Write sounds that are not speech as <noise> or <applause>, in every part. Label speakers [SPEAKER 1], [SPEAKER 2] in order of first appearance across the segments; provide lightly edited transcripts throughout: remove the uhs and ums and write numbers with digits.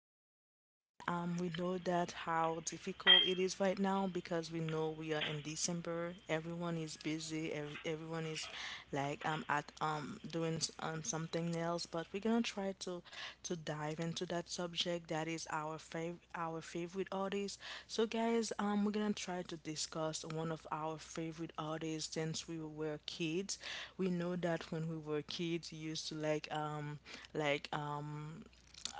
[SPEAKER 1] podcast. And We know that how difficult it is right now because we know we are in December. Everyone is busy. Ev everyone is like at doing something else. But we're gonna try to dive into that subject that is our our favorite artist. So guys, we're going to try to discuss one of our favorite artists since we were kids. We know that when we were kids, we used to like um like um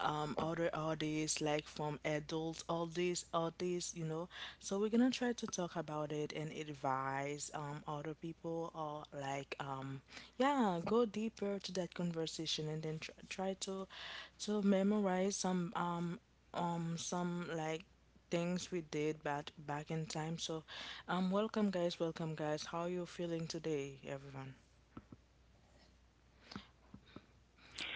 [SPEAKER 1] um other artists like from adults, all these artists, you know. So we're gonna try to talk about it and advise other people, or yeah, go deeper to that conversation and then try to memorize some things we did back in time. So welcome guys, welcome guys, how you feeling today everyone?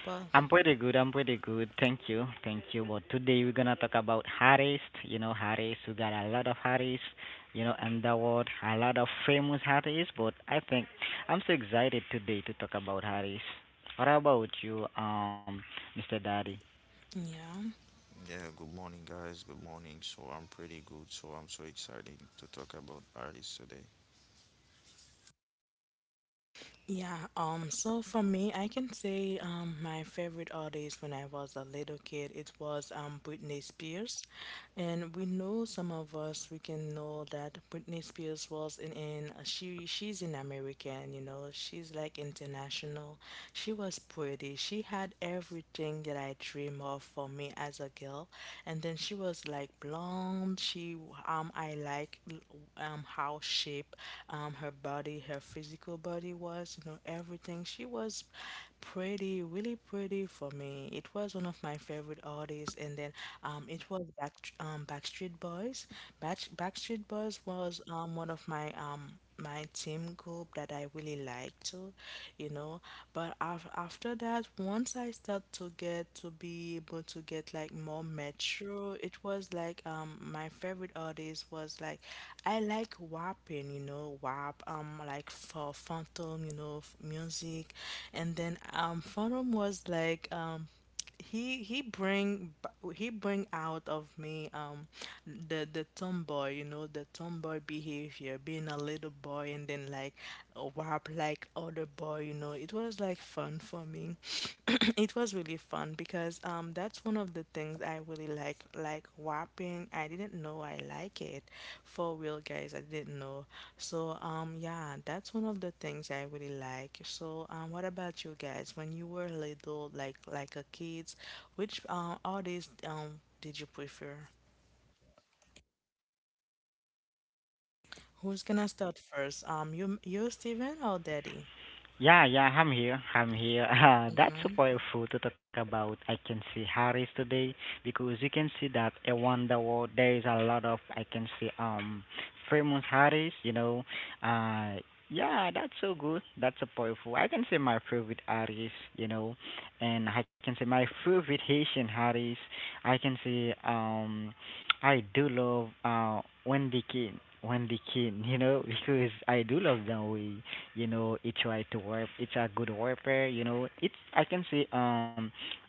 [SPEAKER 1] Well,
[SPEAKER 2] I'm pretty good. I'm pretty good. Thank you. Thank you. But today we're gonna talk about artists. You know, artists. We got a lot of artists. You know, in the world, a lot of famous artists. But I think I'm so excited today to talk about artists. What about you, Mr. Daddy?
[SPEAKER 1] yeah.
[SPEAKER 3] Yeah, good morning, guys. Good morning. So I'm pretty good. So I'm so excited to talk about artists today.
[SPEAKER 1] Yeah, so for me, I can say my favorite artist when I was a little kid, it was Britney Spears. And we know some of us we can know that Britney Spears was in she she's an American, you know, she's like international. She was pretty. She had everything that I dream of for me as a girl. And then she was like blonde. She I like how shape her body, her physical body was, you know, everything. She was pretty, really pretty for me. It was one of my favorite artists series, and then it was Backstreet Boys. Backstreet Boys was one of my team group that I really liked to, you know. But af after that, once I start to get to be able to get like more mature, it was like my favorite artist was like I like WAPing, you know, WAP like for Phantom, you know, music, and then Phantom was like he he bring out of me the tomboy, you know, the tomboy behavior, being a little boy, and then like rap like other boy, you know, it was like fun for me. <clears throat> It was really fun because that's one of the things I really like rapping. I didn't know I like it. For real, guys, I didn't know. So, yeah, that's one of the things I really like. So, what about you guys? When you were little, like a kids, which artist did you prefer? Who's gonna start first? You Steven or Daddy?
[SPEAKER 2] Yeah, yeah, I'm here. I'm here. <laughs> That's so powerful to talk about. I can see Harris today because you can see that a wonder world. There is a lot of I can see famous Harris. You know, uh yeah, that's so good. That's so powerful. I can say my favorite Harris. You know, and I can say my favorite Haitian Harris. I can say I do love Wendy King. Wendy King. You know, <laughs> because I do love that way, you know, he try to work. It's a good warfare, you know. It's, I can say,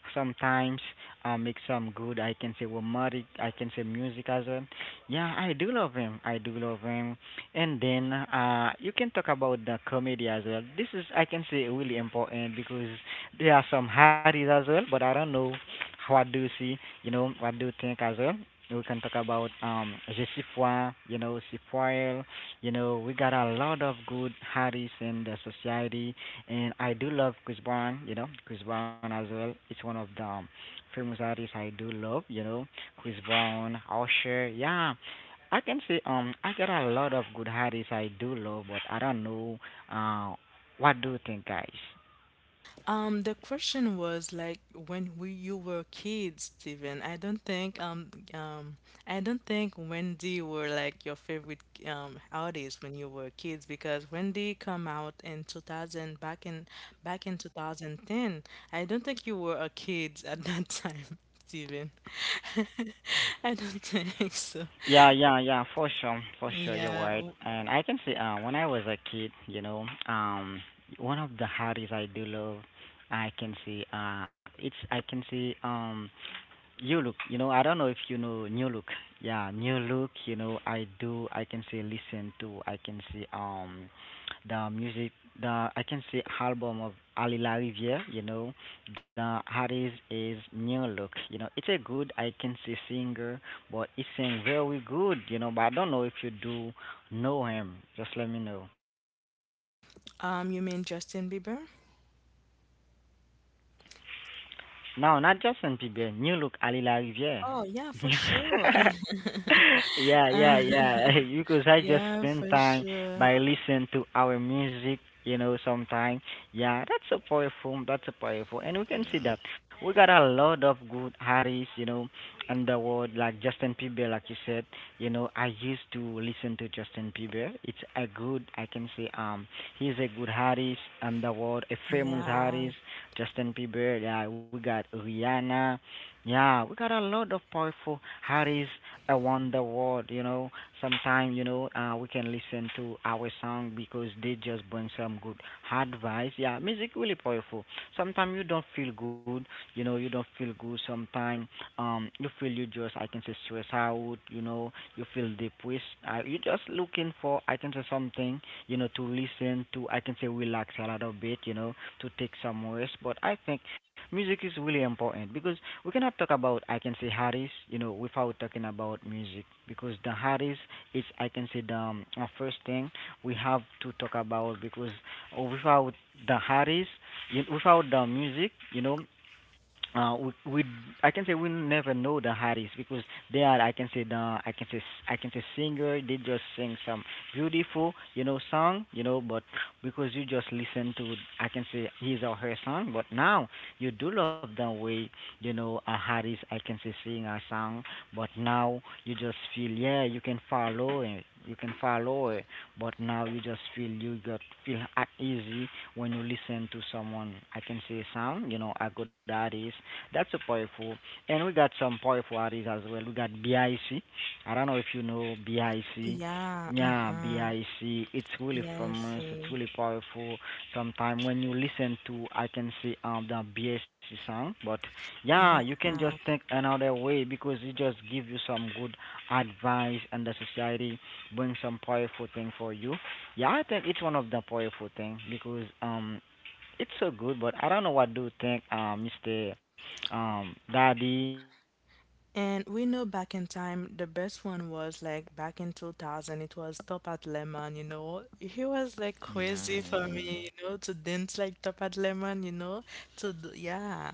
[SPEAKER 2] sometimes make some good, I can say, romantic, I can say, music as well. Yeah, I do love him. I do love him. And then you can talk about the comedy as well. This is, I can say, really important because there are some hardies as well, but I don't know, what do you see, you know, what do you think as well. We can talk about je suis froid, you know, si, you know, we got a lot of good artists in the society, and I do love Chris Brown. You know, Chris Brown as well. It's one of the famous artists I do love. You know, Chris Brown, Usher. Yeah, I can say I got a lot of good artists I do love, but I don't know uh what do you think, guys?
[SPEAKER 1] The question was like when we you were kids, Steven. I don't think Wendy were like your favorite artist when you were kids, because Wendy come out in 2000, back in 2010. I don't think you were a kid at that time, <laughs> Steven. <laughs> I don't think so.
[SPEAKER 2] Yeah, yeah, yeah, for sure, you're
[SPEAKER 1] Yeah.
[SPEAKER 2] right. And I can say, when I was a kid, you know, one of the hobbies I do love, I can see, it's I can see, New look, you know, I don't know if you know new look. Yeah, new look, you know, I do I can say listen to I can say the music, the I can say album of Ali La, you know, the artist is new look. You know, it's a good I can say singer, but he sing very good, you know, but I don't know if you do know him. Just let me know.
[SPEAKER 1] You mean Justin Bieber?
[SPEAKER 2] No, not Justin Bieber. New look, Ali LaRivière.
[SPEAKER 1] Oh yeah, for
[SPEAKER 2] <laughs>
[SPEAKER 1] sure. <laughs>
[SPEAKER 2] Yeah, yeah,
[SPEAKER 1] Uh,
[SPEAKER 2] yeah.
[SPEAKER 1] <laughs>
[SPEAKER 2] <laughs> Because I just
[SPEAKER 1] yeah,
[SPEAKER 2] spend
[SPEAKER 1] for
[SPEAKER 2] time
[SPEAKER 1] sure.
[SPEAKER 2] by listening to our music. You know, sometime. Yeah, that's a powerful. That's a powerful, and we can see
[SPEAKER 3] Yeah,
[SPEAKER 2] that we got a lot of good artists. You know, in the world, like Justin Bieber, like you said. You know, I used to listen to Justin Bieber. It's a good. I can say, he's a good artist in the world, a famous
[SPEAKER 1] Yeah,
[SPEAKER 2] artist, Justin Bieber. Yeah, we got Rihanna. Yeah, we got a lot of powerful artists around the world. You know, sometimes, you know, we can listen to our song because they just bring some good advice. Yeah, music really powerful. Sometimes you don't feel good. You know, you don't feel good. Sometimes you feel you just I can say stress out. You know, you feel depressed. You just looking for, I can say, something, you know, to listen to, I can say relax a little bit, you know, to take some rest. But I think music is really important because we cannot talk about, I can say, Harris, you know, without talking about music, because the Harris is, I can say, the first thing we have to talk about because without the Harris, you, without the music, you know, we I can say we never know the artist because they are I can say the I can say I can say singer they just sing some beautiful, you know, song, you know. But because you just listen to, I can say, his or her song, but now you do love the way, you know, a artist I can say sing a song, but now you just feel, yeah, you can follow it, you can follow it, but now you just feel you got feel at easy when you listen to someone I can say sound, you know, a good artist. That's a powerful. And we got some powerful artists as well. We got Bic, I C. I don't know if you know Bic.
[SPEAKER 1] yeah,
[SPEAKER 2] Yeah,
[SPEAKER 1] mm-hmm.
[SPEAKER 2] Bic, it's really
[SPEAKER 1] Yeah, I
[SPEAKER 2] famous, it's
[SPEAKER 1] see.
[SPEAKER 2] really powerful. Sometimes when you listen to I can say the Bic sound, but yeah,
[SPEAKER 1] Yeah.
[SPEAKER 2] you can just think another way because it just give you some good advice and the society, bring some powerful thing for you. Yeah, I think it's one of the powerful thing because it's so good, but I don't know what do you think, Mr. Daddy.
[SPEAKER 1] And we know back in time, the best one was like back in 2000, it was Topat Lemon, you know. He was like
[SPEAKER 3] yeah,
[SPEAKER 1] crazy for
[SPEAKER 3] yeah.
[SPEAKER 1] me, you know, to dance like Topat Lemon, you know, to, yeah.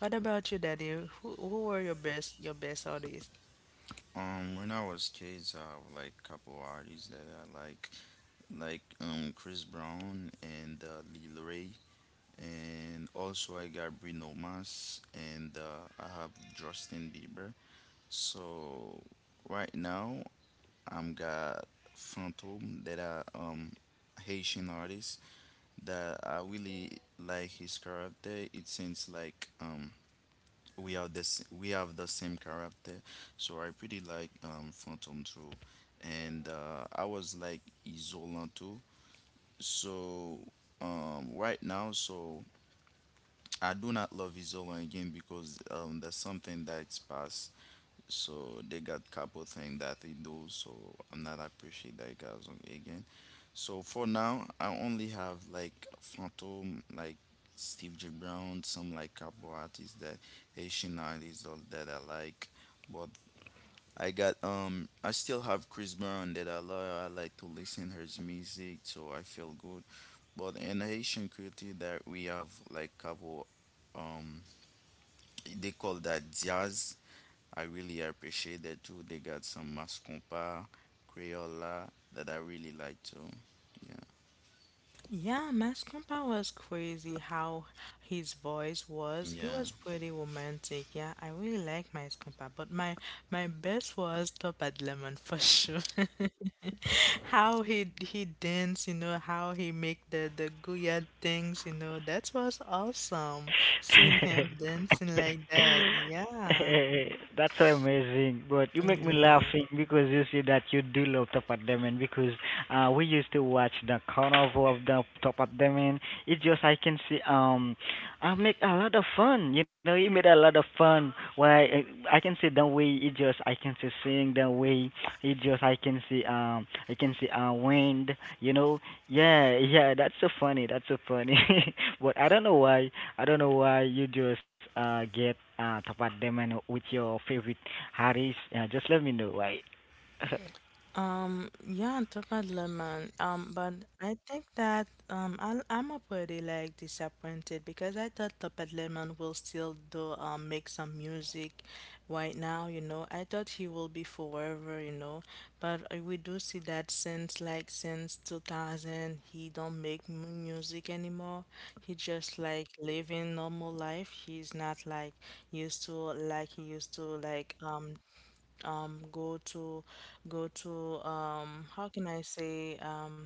[SPEAKER 1] What about you, Daddy? Who were your best artists?
[SPEAKER 3] When I was kids, I have like couple artists that I like Chris Brown and Lil Ray, and also I got Bruno Mars and I have Justin Bieber. So right now I'm got Phantom that are Haitian artists that I really like his character. It seems like we are this we have the same character, so I pretty like Phantom too, and I was like Isola too. So right now, so I do not love Isola again because that's something that's past so they got couple things that they do. So I'm not appreciate that guys on- again. So for now, I only have like Phantom, like Steve J Brown, some like couple artists that Haitian artists all that I like. But I got I still have Chris Brown that I love. I like to listen her music, so I feel good. But in Haitian culture, that we have like couple um they call that jazz. I really appreciate that too. They got some Mascompa, Crayola that I really like too. Yeah.
[SPEAKER 1] Yeah, Mascompa was crazy how his voice was. He
[SPEAKER 3] Yeah.
[SPEAKER 1] was pretty romantic. Yeah, I really like Mascompa, but my best was Top at Lemon for sure. <laughs> How he dance, you know, how he make the goya things, you know, that was awesome. Seeing him dancing like
[SPEAKER 2] <laughs>
[SPEAKER 1] that. Yeah.
[SPEAKER 2] That's so amazing. But you make me
[SPEAKER 1] Yeah.
[SPEAKER 2] laughing because you see that you do love Top at Demon because we used to watch the carnival of the Top at Demon. It just I can see I make a lot of fun. You know, he made a lot of fun. Why I can see the way, It just I can see seeing the way, It just I can see wind, you know. Yeah, yeah, that's so funny. That's so funny. <laughs> But I don't know why you just get top at them and with your favorite artist. Just let me know why. <laughs>
[SPEAKER 1] Yeah, on top of lemon. But I think that I I'm a pretty like disappointed because I thought Topaz lemon will still do make some music right now. You know, I thought he will be forever. You know, but we do see that since like since 2000 he don't make music anymore. He just like living normal life. He's not like used to like he used to um go to go to how can I say um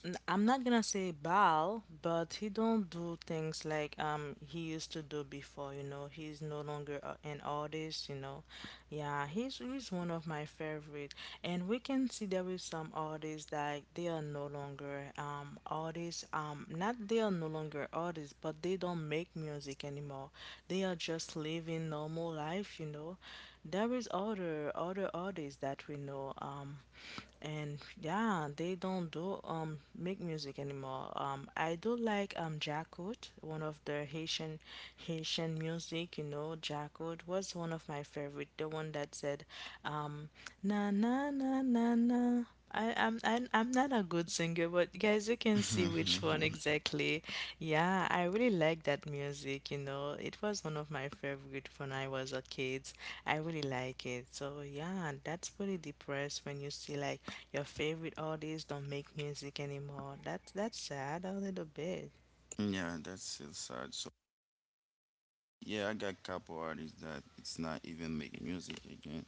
[SPEAKER 1] n- I'm not gonna say Baal, but he don't do things like he used to do before, you know. He's no longer an artist, you know. Yeah, he's one of my favorite. And we can see there is some artists that they are no longer artists. Not they are no longer artists, but they don't make music anymore. They are just living normal life, you know. There is other artists that we know. And yeah, they don't do make music anymore. I do like Jacquot, one of the Haitian music, you know. Jacquot was one of my favorite, the one that said um na na na na na. I, I'm not a good singer, but guys, you can see which one exactly. Yeah, I really like that music, you know. It was one of my favorite when I was a kid. I really like it. So yeah, that's pretty depressed when you see like your favorite artists don't make music anymore. That's sad a little bit.
[SPEAKER 3] <laughs> Yeah, that's still sad. So yeah, I got couple artists that it's not even making music again.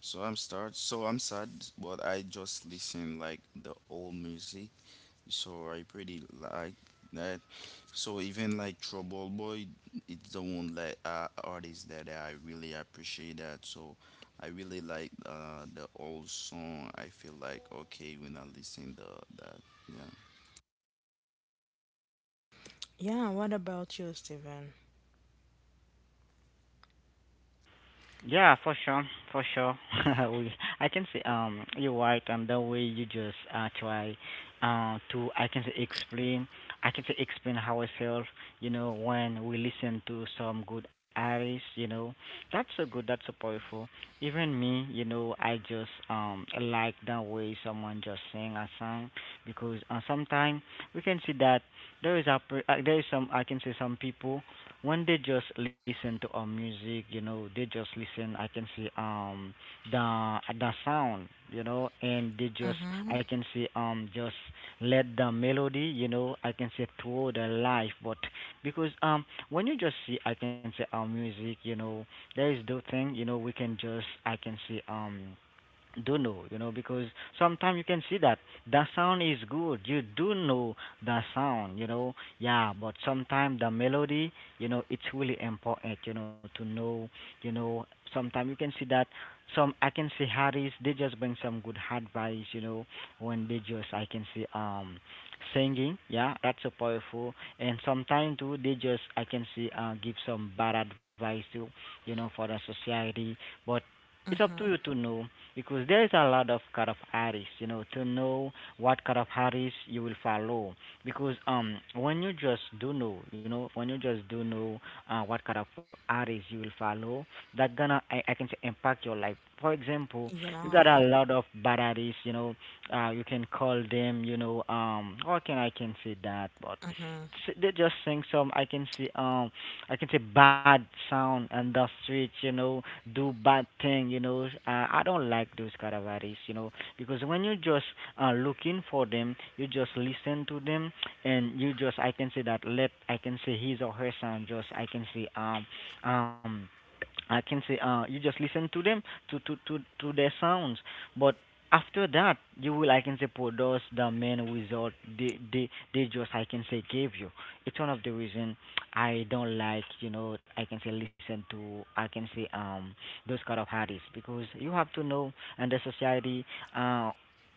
[SPEAKER 3] So I'm sad but I just listen like the old music. So I pretty like that. So even like Trouble Boy, it's the one that artist that I really appreciate that. So I really like the old song. I feel like okay when I listen the that. Yeah,
[SPEAKER 1] Yeah, what about you, Steven?
[SPEAKER 2] Yeah, for sure, for sure. <laughs> we, I can say you're right, and the way you just try to I can say explain I can say explain ourselves. You know, when we listen to some good artists, you know, that's so good, that's so powerful. Even me, you know, I just like the way someone just sing a song because sometimes we can see that there is some I can say some people when they just listen to our music, you know, they just listen. I can see the sound, you know, and they just
[SPEAKER 1] Mm-hmm.
[SPEAKER 2] I can see just let the melody, you know, I can say through the life. But because when you just see I can say our music, you know, there is the thing, you know, we can just I can see do know, you know, because sometimes you can see that the sound is good. You do know the sound, you know, yeah, but sometimes the melody, you know, it's really important, you know, to know, you know, sometimes you can see that some I can see artists they just bring some good advice, you know, when they just I can see singing, yeah, that's so powerful. And sometimes too they just I can see give some bad advice too, you know, for the society. But it's up to
[SPEAKER 1] Mm-hmm.
[SPEAKER 2] you to know because there's a lot of cut of artists, you know, to know what cut of artists you will follow. Because when you just do know, you know, when you just do know what kind of artists you will follow, that gonna I can say impact your life. For example, you got
[SPEAKER 1] Yeah.
[SPEAKER 2] a lot of bad artists, you know, you can call them, you know, how can I can say that? But
[SPEAKER 1] Mm-hmm.
[SPEAKER 2] they just sing some I can see I can say bad sound on the streets, you know, do bad thing, you know. I don't like those kind of artists, you know, because when you just looking for them, you just listen to them, and you just I can say that let I can say his or her sound just um I can say you just listen to them to their sounds, but after that you will I can say produce the main result they just I can say gave you. It's one of the reason I don't like you know I can say listen to I can say those kind of artists, because you have to know and the society uh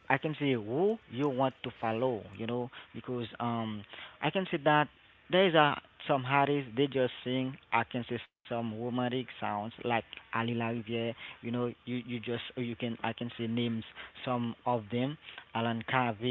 [SPEAKER 2] I can say who you want to follow, you know, because I can say that there is a some artists they just sing I can say some romantic sounds like Ali La, you know, you just you can I can say names some of them, Alan Cave,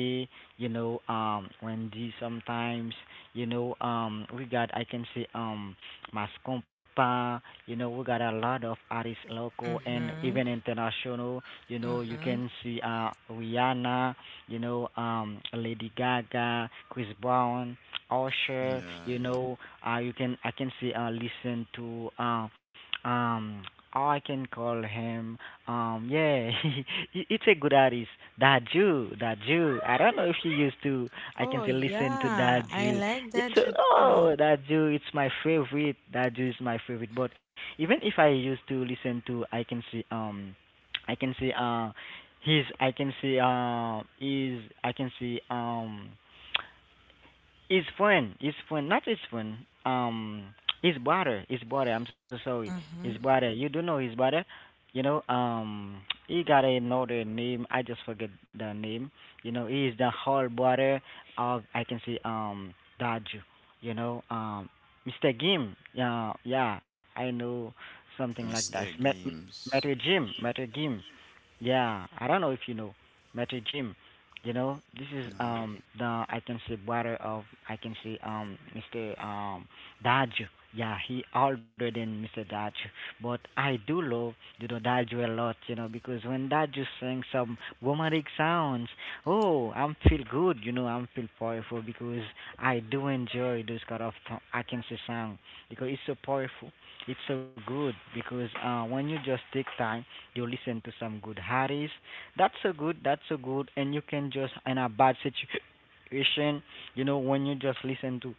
[SPEAKER 2] you know, Wendy sometimes, you know, we got I can say Mascompa. You know, we got a lot of artists local and
[SPEAKER 1] Mm-hmm.
[SPEAKER 2] even international. You know, you
[SPEAKER 1] Mm-hmm.
[SPEAKER 2] can see Rihanna, you know, Lady Gaga, Chris Brown, Usher, you
[SPEAKER 3] yeah,
[SPEAKER 2] know, you can I can say listen to um, I can call him. Yeah, <laughs> it's a good artist, Daju, Daju. I don't know if you used to. I
[SPEAKER 1] Oh
[SPEAKER 2] can say listen to
[SPEAKER 1] yeah, I
[SPEAKER 2] Daju.
[SPEAKER 1] like
[SPEAKER 2] It's
[SPEAKER 1] that
[SPEAKER 2] a,
[SPEAKER 1] you do.
[SPEAKER 2] oh Daju, it's my favorite. Daju is my favorite. But even if I used to listen to, I can see his. I can see his. I can see his friend, not his friend. Um, his brother, his brother. I'm so sorry, his
[SPEAKER 1] Mm-hmm.
[SPEAKER 2] brother. You do know his brother, you know. He got another name. I just forget the name. You know, he is the whole brother of I can say Daju. You know, Mr. Gim. Yeah, yeah. I know something
[SPEAKER 3] yeah.
[SPEAKER 2] like that.
[SPEAKER 3] Mr.
[SPEAKER 2] Met,
[SPEAKER 3] Games.
[SPEAKER 2] Metal Jim, Metal Gim. Yeah, I don't know if you know, Metro Gym. You know, this is
[SPEAKER 3] No.
[SPEAKER 2] the I can say brother of I can say Mr. Daju. Yeah, he older than Mr. Daju, but I do love you know Daju a lot. You know because when Daju sings some romantic sounds, oh, I'm feel good. You know, I'm feel powerful because I do enjoy those kind of I can say song because it's so powerful, it's so good, because when you just take time you listen to some good artists. That's so good. That's so good. And you can just in a bad situation, you know, when you just listen to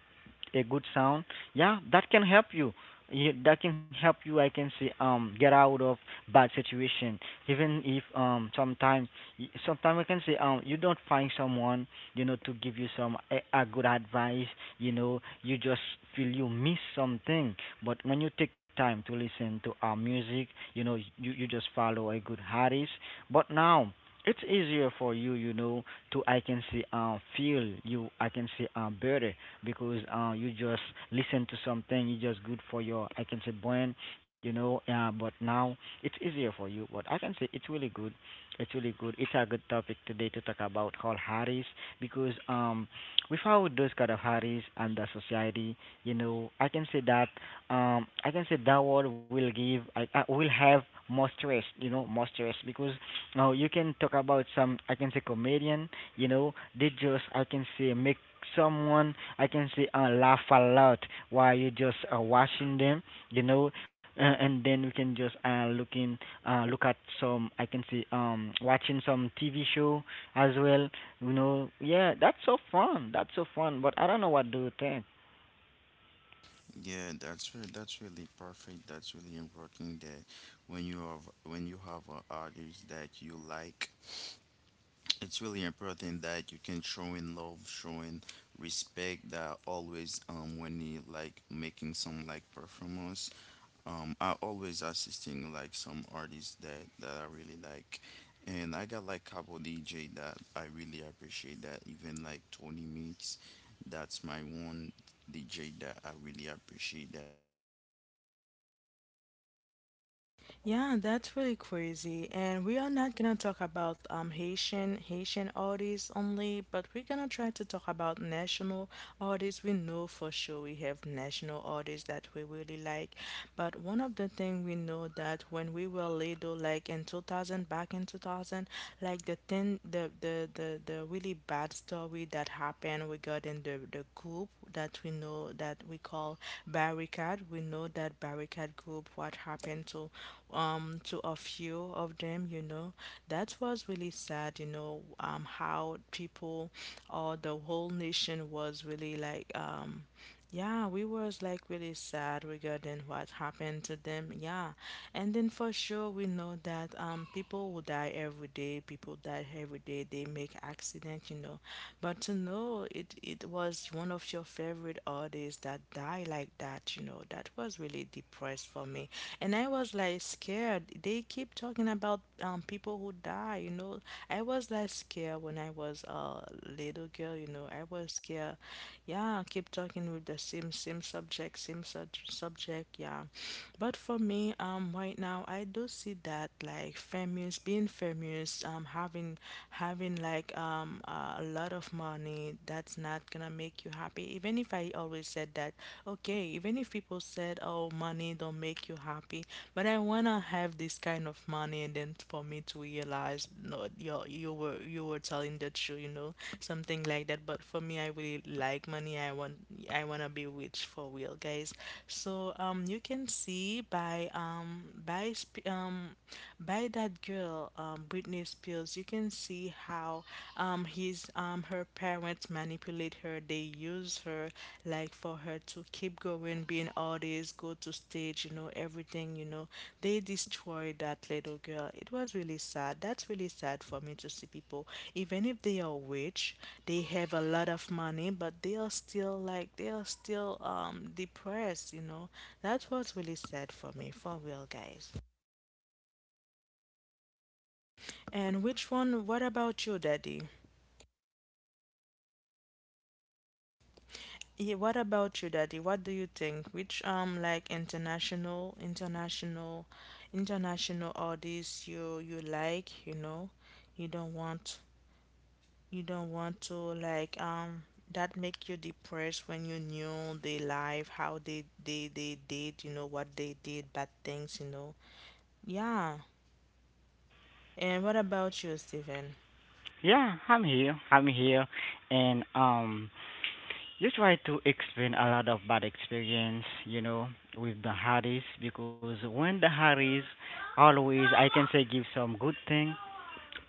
[SPEAKER 2] a good sound, yeah, that can help you. Yeah, that can help you I can say get out of bad situation. Even if sometime I can say you don't find someone, you know, to give you some a good advice, you know, you just feel you miss something. But when you take time to listen to our music, you know, you just follow a good artist. But now it's easier for you, you know, to I can say feel you I can say better. Because you just listen to something, you just good for your, I can say, brain, you know. But now it's easier for you. But I can say it's really good. It's really good. It's a good topic today to talk about all Harris, because without those kind of Harris and the society, you know, I can say that I can say that world will give, I will have more stress, you know, more stress, because now you can talk about some, I can say, comedian. You know, they just I can say make someone I can say laugh a lot while you just watching them. You know, and then we can just look at some I can say watching some TV show as well. You know, yeah, that's so fun. That's so fun. But I don't know what do you think.
[SPEAKER 3] Yeah, that's really perfect. That's really important that when you have an artist that you like, it's really important that you can show in love, showing respect. That always, when you like making some like performance, I always assisting like some artists that I really like, and I got like couple DJ that I really appreciate. That even like Tony Mix, that's my one DJ that I really appreciate. That
[SPEAKER 1] Yeah, that's really crazy. And we are not gonna talk about Haitian artists only, but we're gonna try to talk about national artists. We know for sure we have national artists that we really like. But one of the things we know that when we were little, like in 2000, back in 2000, like the thing, the really bad story that happened regarding the group that we know that we call barricade. We know that barricade group, what happened to a few of them. You know that was really sad. You know how people or the whole nation was really like yeah, we was like really sad regarding what happened to them. Yeah. And then for sure we know that people will die every day, people die every day, they make accident, you know. But to know it was one of your favorite artists that die like that, you know, that was really depressed for me. And I was like scared. They keep talking about people who die, you know. I was like scared when I was a little girl, you know. I was scared. Yeah, keep talking with the same subject, subject, yeah. But for me, right now I do see that like famous, being famous, having like a lot of money, that's not gonna make you happy. Even if I always said that, okay, even if people said, "Oh, money don't make you happy, but I wanna have this kind of money," and then for me to realize no, you were, you were telling the truth, you know, something like that. But for me, I really like money. I wanna be rich, for real guys. So you can see by by sp- um by that girl Britney Spears, you can see how his her parents manipulate her, they use her, like, for her to keep going being artist, go to stage, you know, everything, you know. They destroyed that little girl. It was really sad. That's really sad for me to see people, even if they are rich, they have a lot of money, but they are still like, they are still depressed, you know. That was really sad for me, for real guys. And which one what about you, Daddy? Yeah, what about you, Daddy? What do you think? Which international artists you like, you know? You don't want, you don't want to like that make you depressed when you knew their life, how they did, you know, what they did, bad things, you know. Yeah. And what about you, Stephen?
[SPEAKER 2] Yeah, I'm here. I'm here, and you try to explain a lot of bad experience, you know, with the Harris, because when the Harris always I can say give some good thing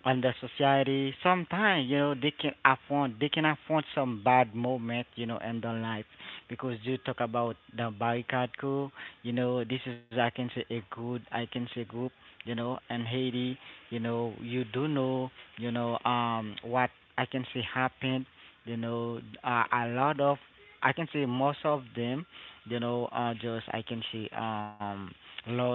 [SPEAKER 2] on the society. Sometimes you know they can afford some bad moment, you know, in their life, because you talk about the barricade crew. You know this is I can say a good I can say group. You know in Haiti, you know you do know, you know what I can say happened. You know a lot of I can say most of them, you know, just I can say lost,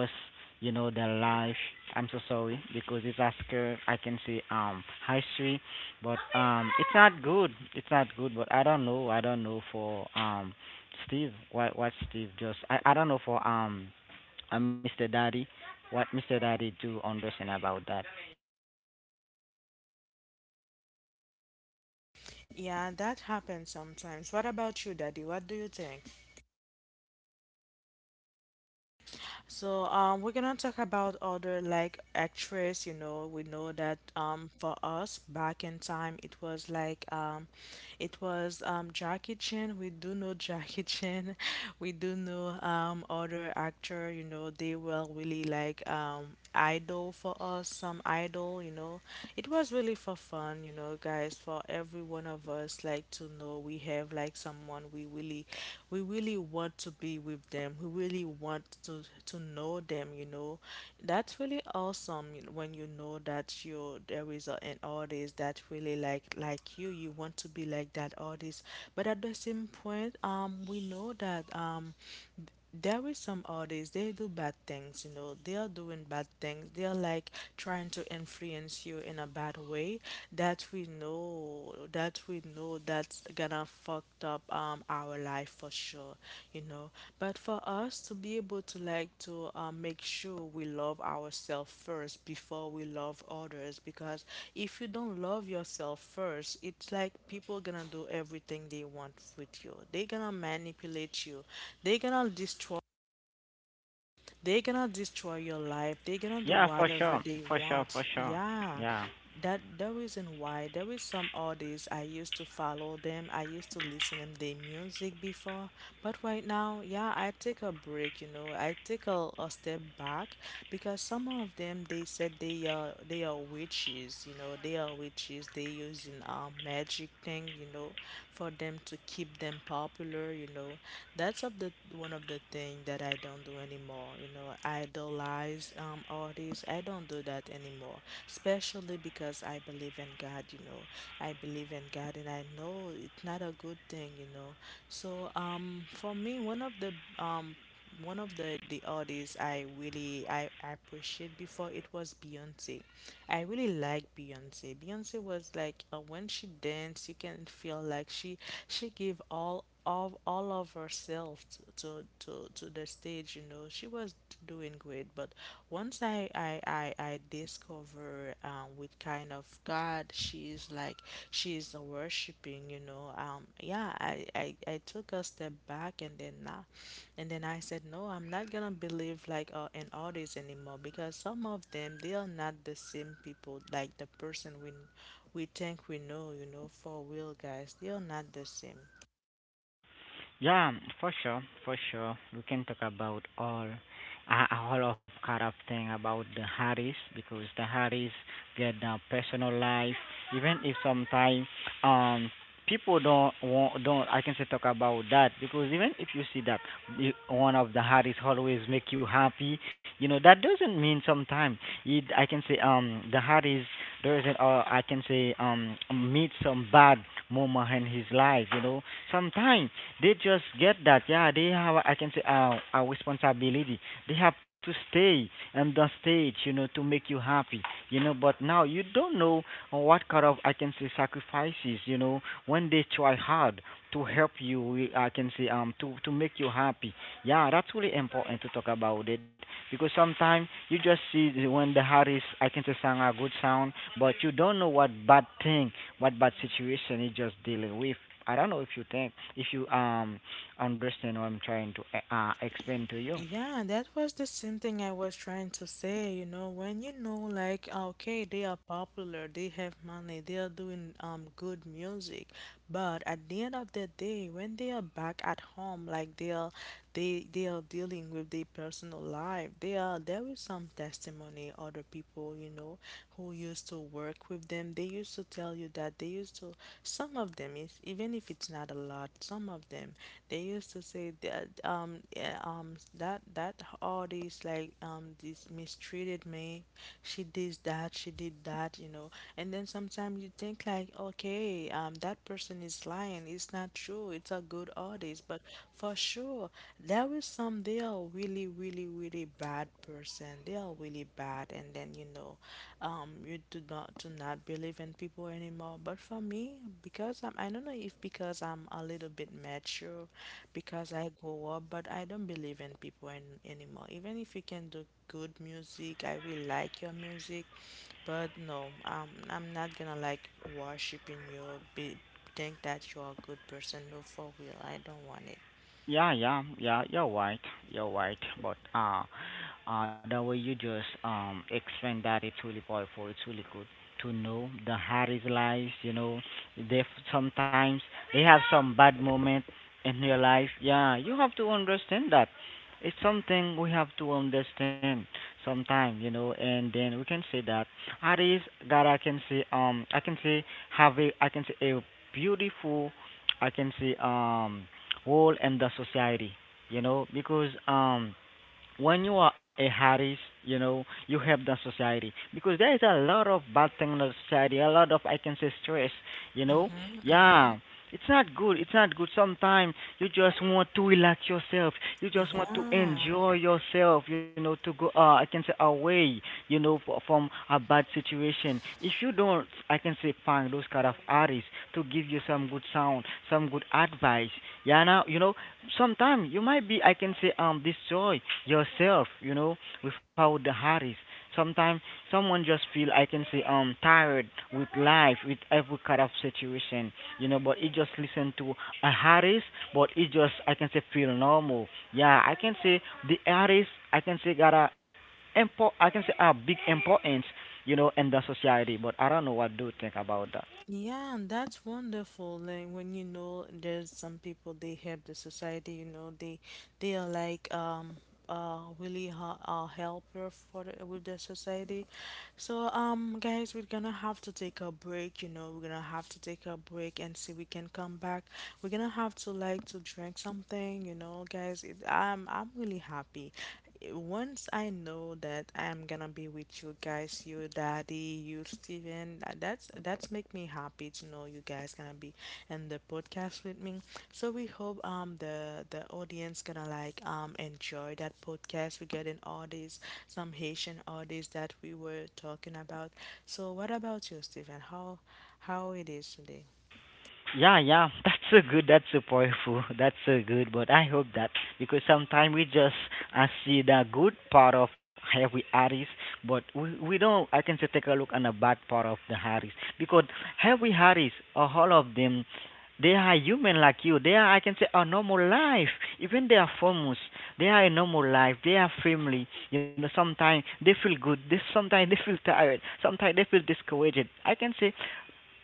[SPEAKER 2] you know, their life. I'm so sorry because it's Oscar. I can see history, but it's not good. It's not good. But I don't know. I don't know for Steve. What Steve just? I don't know for Mr. Daddy. What Mr. Daddy do understand about that?
[SPEAKER 1] Yeah, that happens sometimes. What about you, Daddy? What do you think? So we're gonna talk about other like actress. You know, we know that for us back in time, it was like it was Jackie Chan. We do know Jackie Chan. <laughs> We do know other actor. You know, they were really like idol for us. Some idol. You know, it was really for fun, you know, guys, for every one of us like to know we have like someone we really, we really want to be with them. We really want to know them, you know. That's really awesome, you know, when you know that you there is an artist that really like you, you want to be like that artist. But at the same point, we know that there is some artists, they do bad things, you know, they are doing bad things, they are like trying to influence you in a bad way that we know that's gonna fucked up our life for sure, you know. But for us to be able to like to make sure we love ourselves first before we love others, because if you don't love yourself first, it's like people gonna do everything they want with you, they gonna manipulate you, they gonna destroy they're gonna destroy your life. They're gonna do
[SPEAKER 2] Yeah, for
[SPEAKER 1] whatever
[SPEAKER 2] sure.
[SPEAKER 1] they
[SPEAKER 2] For sure.
[SPEAKER 1] want.
[SPEAKER 2] For sure.
[SPEAKER 1] Yeah.
[SPEAKER 2] Yeah.
[SPEAKER 1] That the reason why there is some artists I used to follow them. I used to listen them their music before. But right now, yeah, I take a break, you know. I take a step back because some of them they said they are witches, you know, they are witches, they using magic thing, you know, for them to keep them popular, you know. That's of the one of the thing that I don't do anymore, you know. Idolize artists. I don't do that anymore. Especially because I believe in God, you know. I believe in God and I know it's not a good thing, you know. So for me, one of the um one of the artists I really I appreciate before, it was Beyonce. I really like Beyonce. Beyonce was like when she danced, you can feel like she gave all of herself to the stage. You know, she was doing great. But once I discover her with kind of God. She's like she's worshiping, you know. Yeah, I took a step back and then now, and then I said no, I'm not gonna believe like in all this anymore because some of them they are not the same people like the person we think we know, you know, for real, guys. They are not the same.
[SPEAKER 2] Yeah, for sure, for sure. We can talk about all a whole of kind of thing about the Harris, because the Harris get their personal life. Even if sometimes um people don't I can say talk about that, because even if you see that one of the Harris always make you happy, you know that doesn't mean sometimes it I can say the Harris doesn't or I can say meet some bad moment in his life. You know sometimes they just get that. Yeah, they have. I can say a responsibility. They have to stay on the stage, you know, to make you happy, you know. But now you don't know what kind of I can say sacrifices, you know, when they try hard to help you. I can say to make you happy. Yeah, that's really important to talk about it, because sometimes you just see when the artist I can say sound a good sound, but you don't know what bad thing, what bad situation he just dealing with. I don't know if you think if you understand what I'm trying to explain to you.
[SPEAKER 1] Yeah, that was the same thing I was trying to say. You know, when you know, like, okay, they are popular, they have money, they are doing good music, but at the end of the day, when they are back at home, they are dealing with their personal life. They are there is some testimony other people, you know, who used to work with them, they used to tell you that they used to, some of them, if, even if it's not a lot, some of them they used to say that yeah, um that that all these like this mistreated me, she did that, she did that, you know, and then sometimes you think like okay, that person is lying, it's not true, it's a good artist, but for sure, there is some, they are really really really bad person, they are really bad, and then you know, you do not believe in people anymore. But for me, because I don't know if because I'm a little bit mature, because I grow up, but I don't believe in people an anymore. Even if you can do good music, I will like your music, but no, I'm not gonna like worshiping you, be think that you're a good person. No, for real, I don't want it.
[SPEAKER 2] Yeah, yeah, yeah, you're right. You're right. But the way you just explained that, it's really powerful. It's really good to know the Harry's lives. You know, they sometimes they have some bad moment in their life. Yeah, you have to understand that. It's something we have to understand sometime, you know, and then we can say that Harry's God, I can say have a I can say a beautiful I can say role in the society, you know, because when you are a Harris, you know, you help the society, because there is a lot of bad thing in the society, a lot of I can say stress, you know. Yeah, it's not good. It's not good. Sometimes you just want to relax yourself. You just want to
[SPEAKER 1] Yeah.
[SPEAKER 2] enjoy yourself, you know, to go I can say away, you know, from a bad situation. If you don't, I can say find those kind of artists to give you some good sound, some good advice. Yeah, now you know sometimes you might be I can say destroy yourself, you know, without the hurries. Sometimes someone just feel I can say tired with life, with every kind of situation, you know, but he just listen to a harris, but he just I can say feel normal. Yeah, I can say the harris I can say got a import I can say a big importance, you know, in the society. But I don't know what do you think about that.
[SPEAKER 1] Yeah, and that's wonderful. Like when you know there's some people they help the society, you know, they are like really ha a helper for the, with the society. So guys, we're gonna have to take a break, you know, we're gonna have to take a break and see we can come back. We're gonna have to like to drink something, you know, guys. I'm really happy once I know that I'm gonna be with you guys, you daddy, you Steven, that's make me happy to know you guys gonna be in the podcast with me. So we hope the audience gonna like enjoy that podcast regarding all these some Haitian artists that we were talking about. So what about you, Steven? How it is today?
[SPEAKER 2] Yeah, yeah. <laughs> That's a good. That's a powerful. <laughs> That's a good. But I hope that, because sometimes we just see the good part of every artist, but we don't. I can say take a look on the bad part of the artist, because every artist, all of them, they are human like you. They are. I can say a normal life. Even they are famous. They are a normal life. They are family. You know, sometimes they feel good. They sometimes they feel tired. Sometimes they feel discouraged. I can say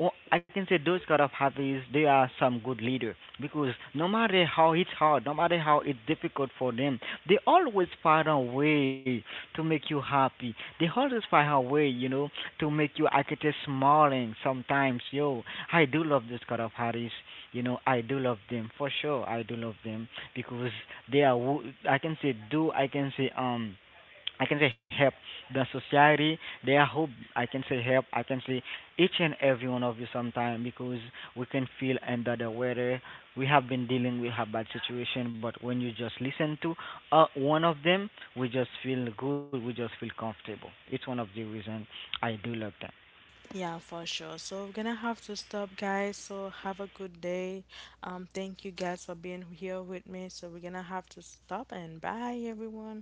[SPEAKER 2] well, I can say those kind of hobbies, they are some good leader, because no matter how it's hard, no matter how it's difficult for them, they always find a way to make you happy. They always find a way, you know, to make you I get smiling sometimes. Yo, I do love those kind of hobbies. You know, I do love them for sure. I do love them because they are. I can say do. I can say help the society. They are hope. I can say help. I can say each and every one of you sometime, because we can feel under the weather. We have been dealing with a bad situation, but when you just listen to one of them, we just feel good. We just feel comfortable. It's one of the reason I do love them.
[SPEAKER 1] Yeah, for sure. So we're gonna have to stop, guys. So have a good day. Thank you guys for being here with me. So we're gonna have to stop and bye, everyone.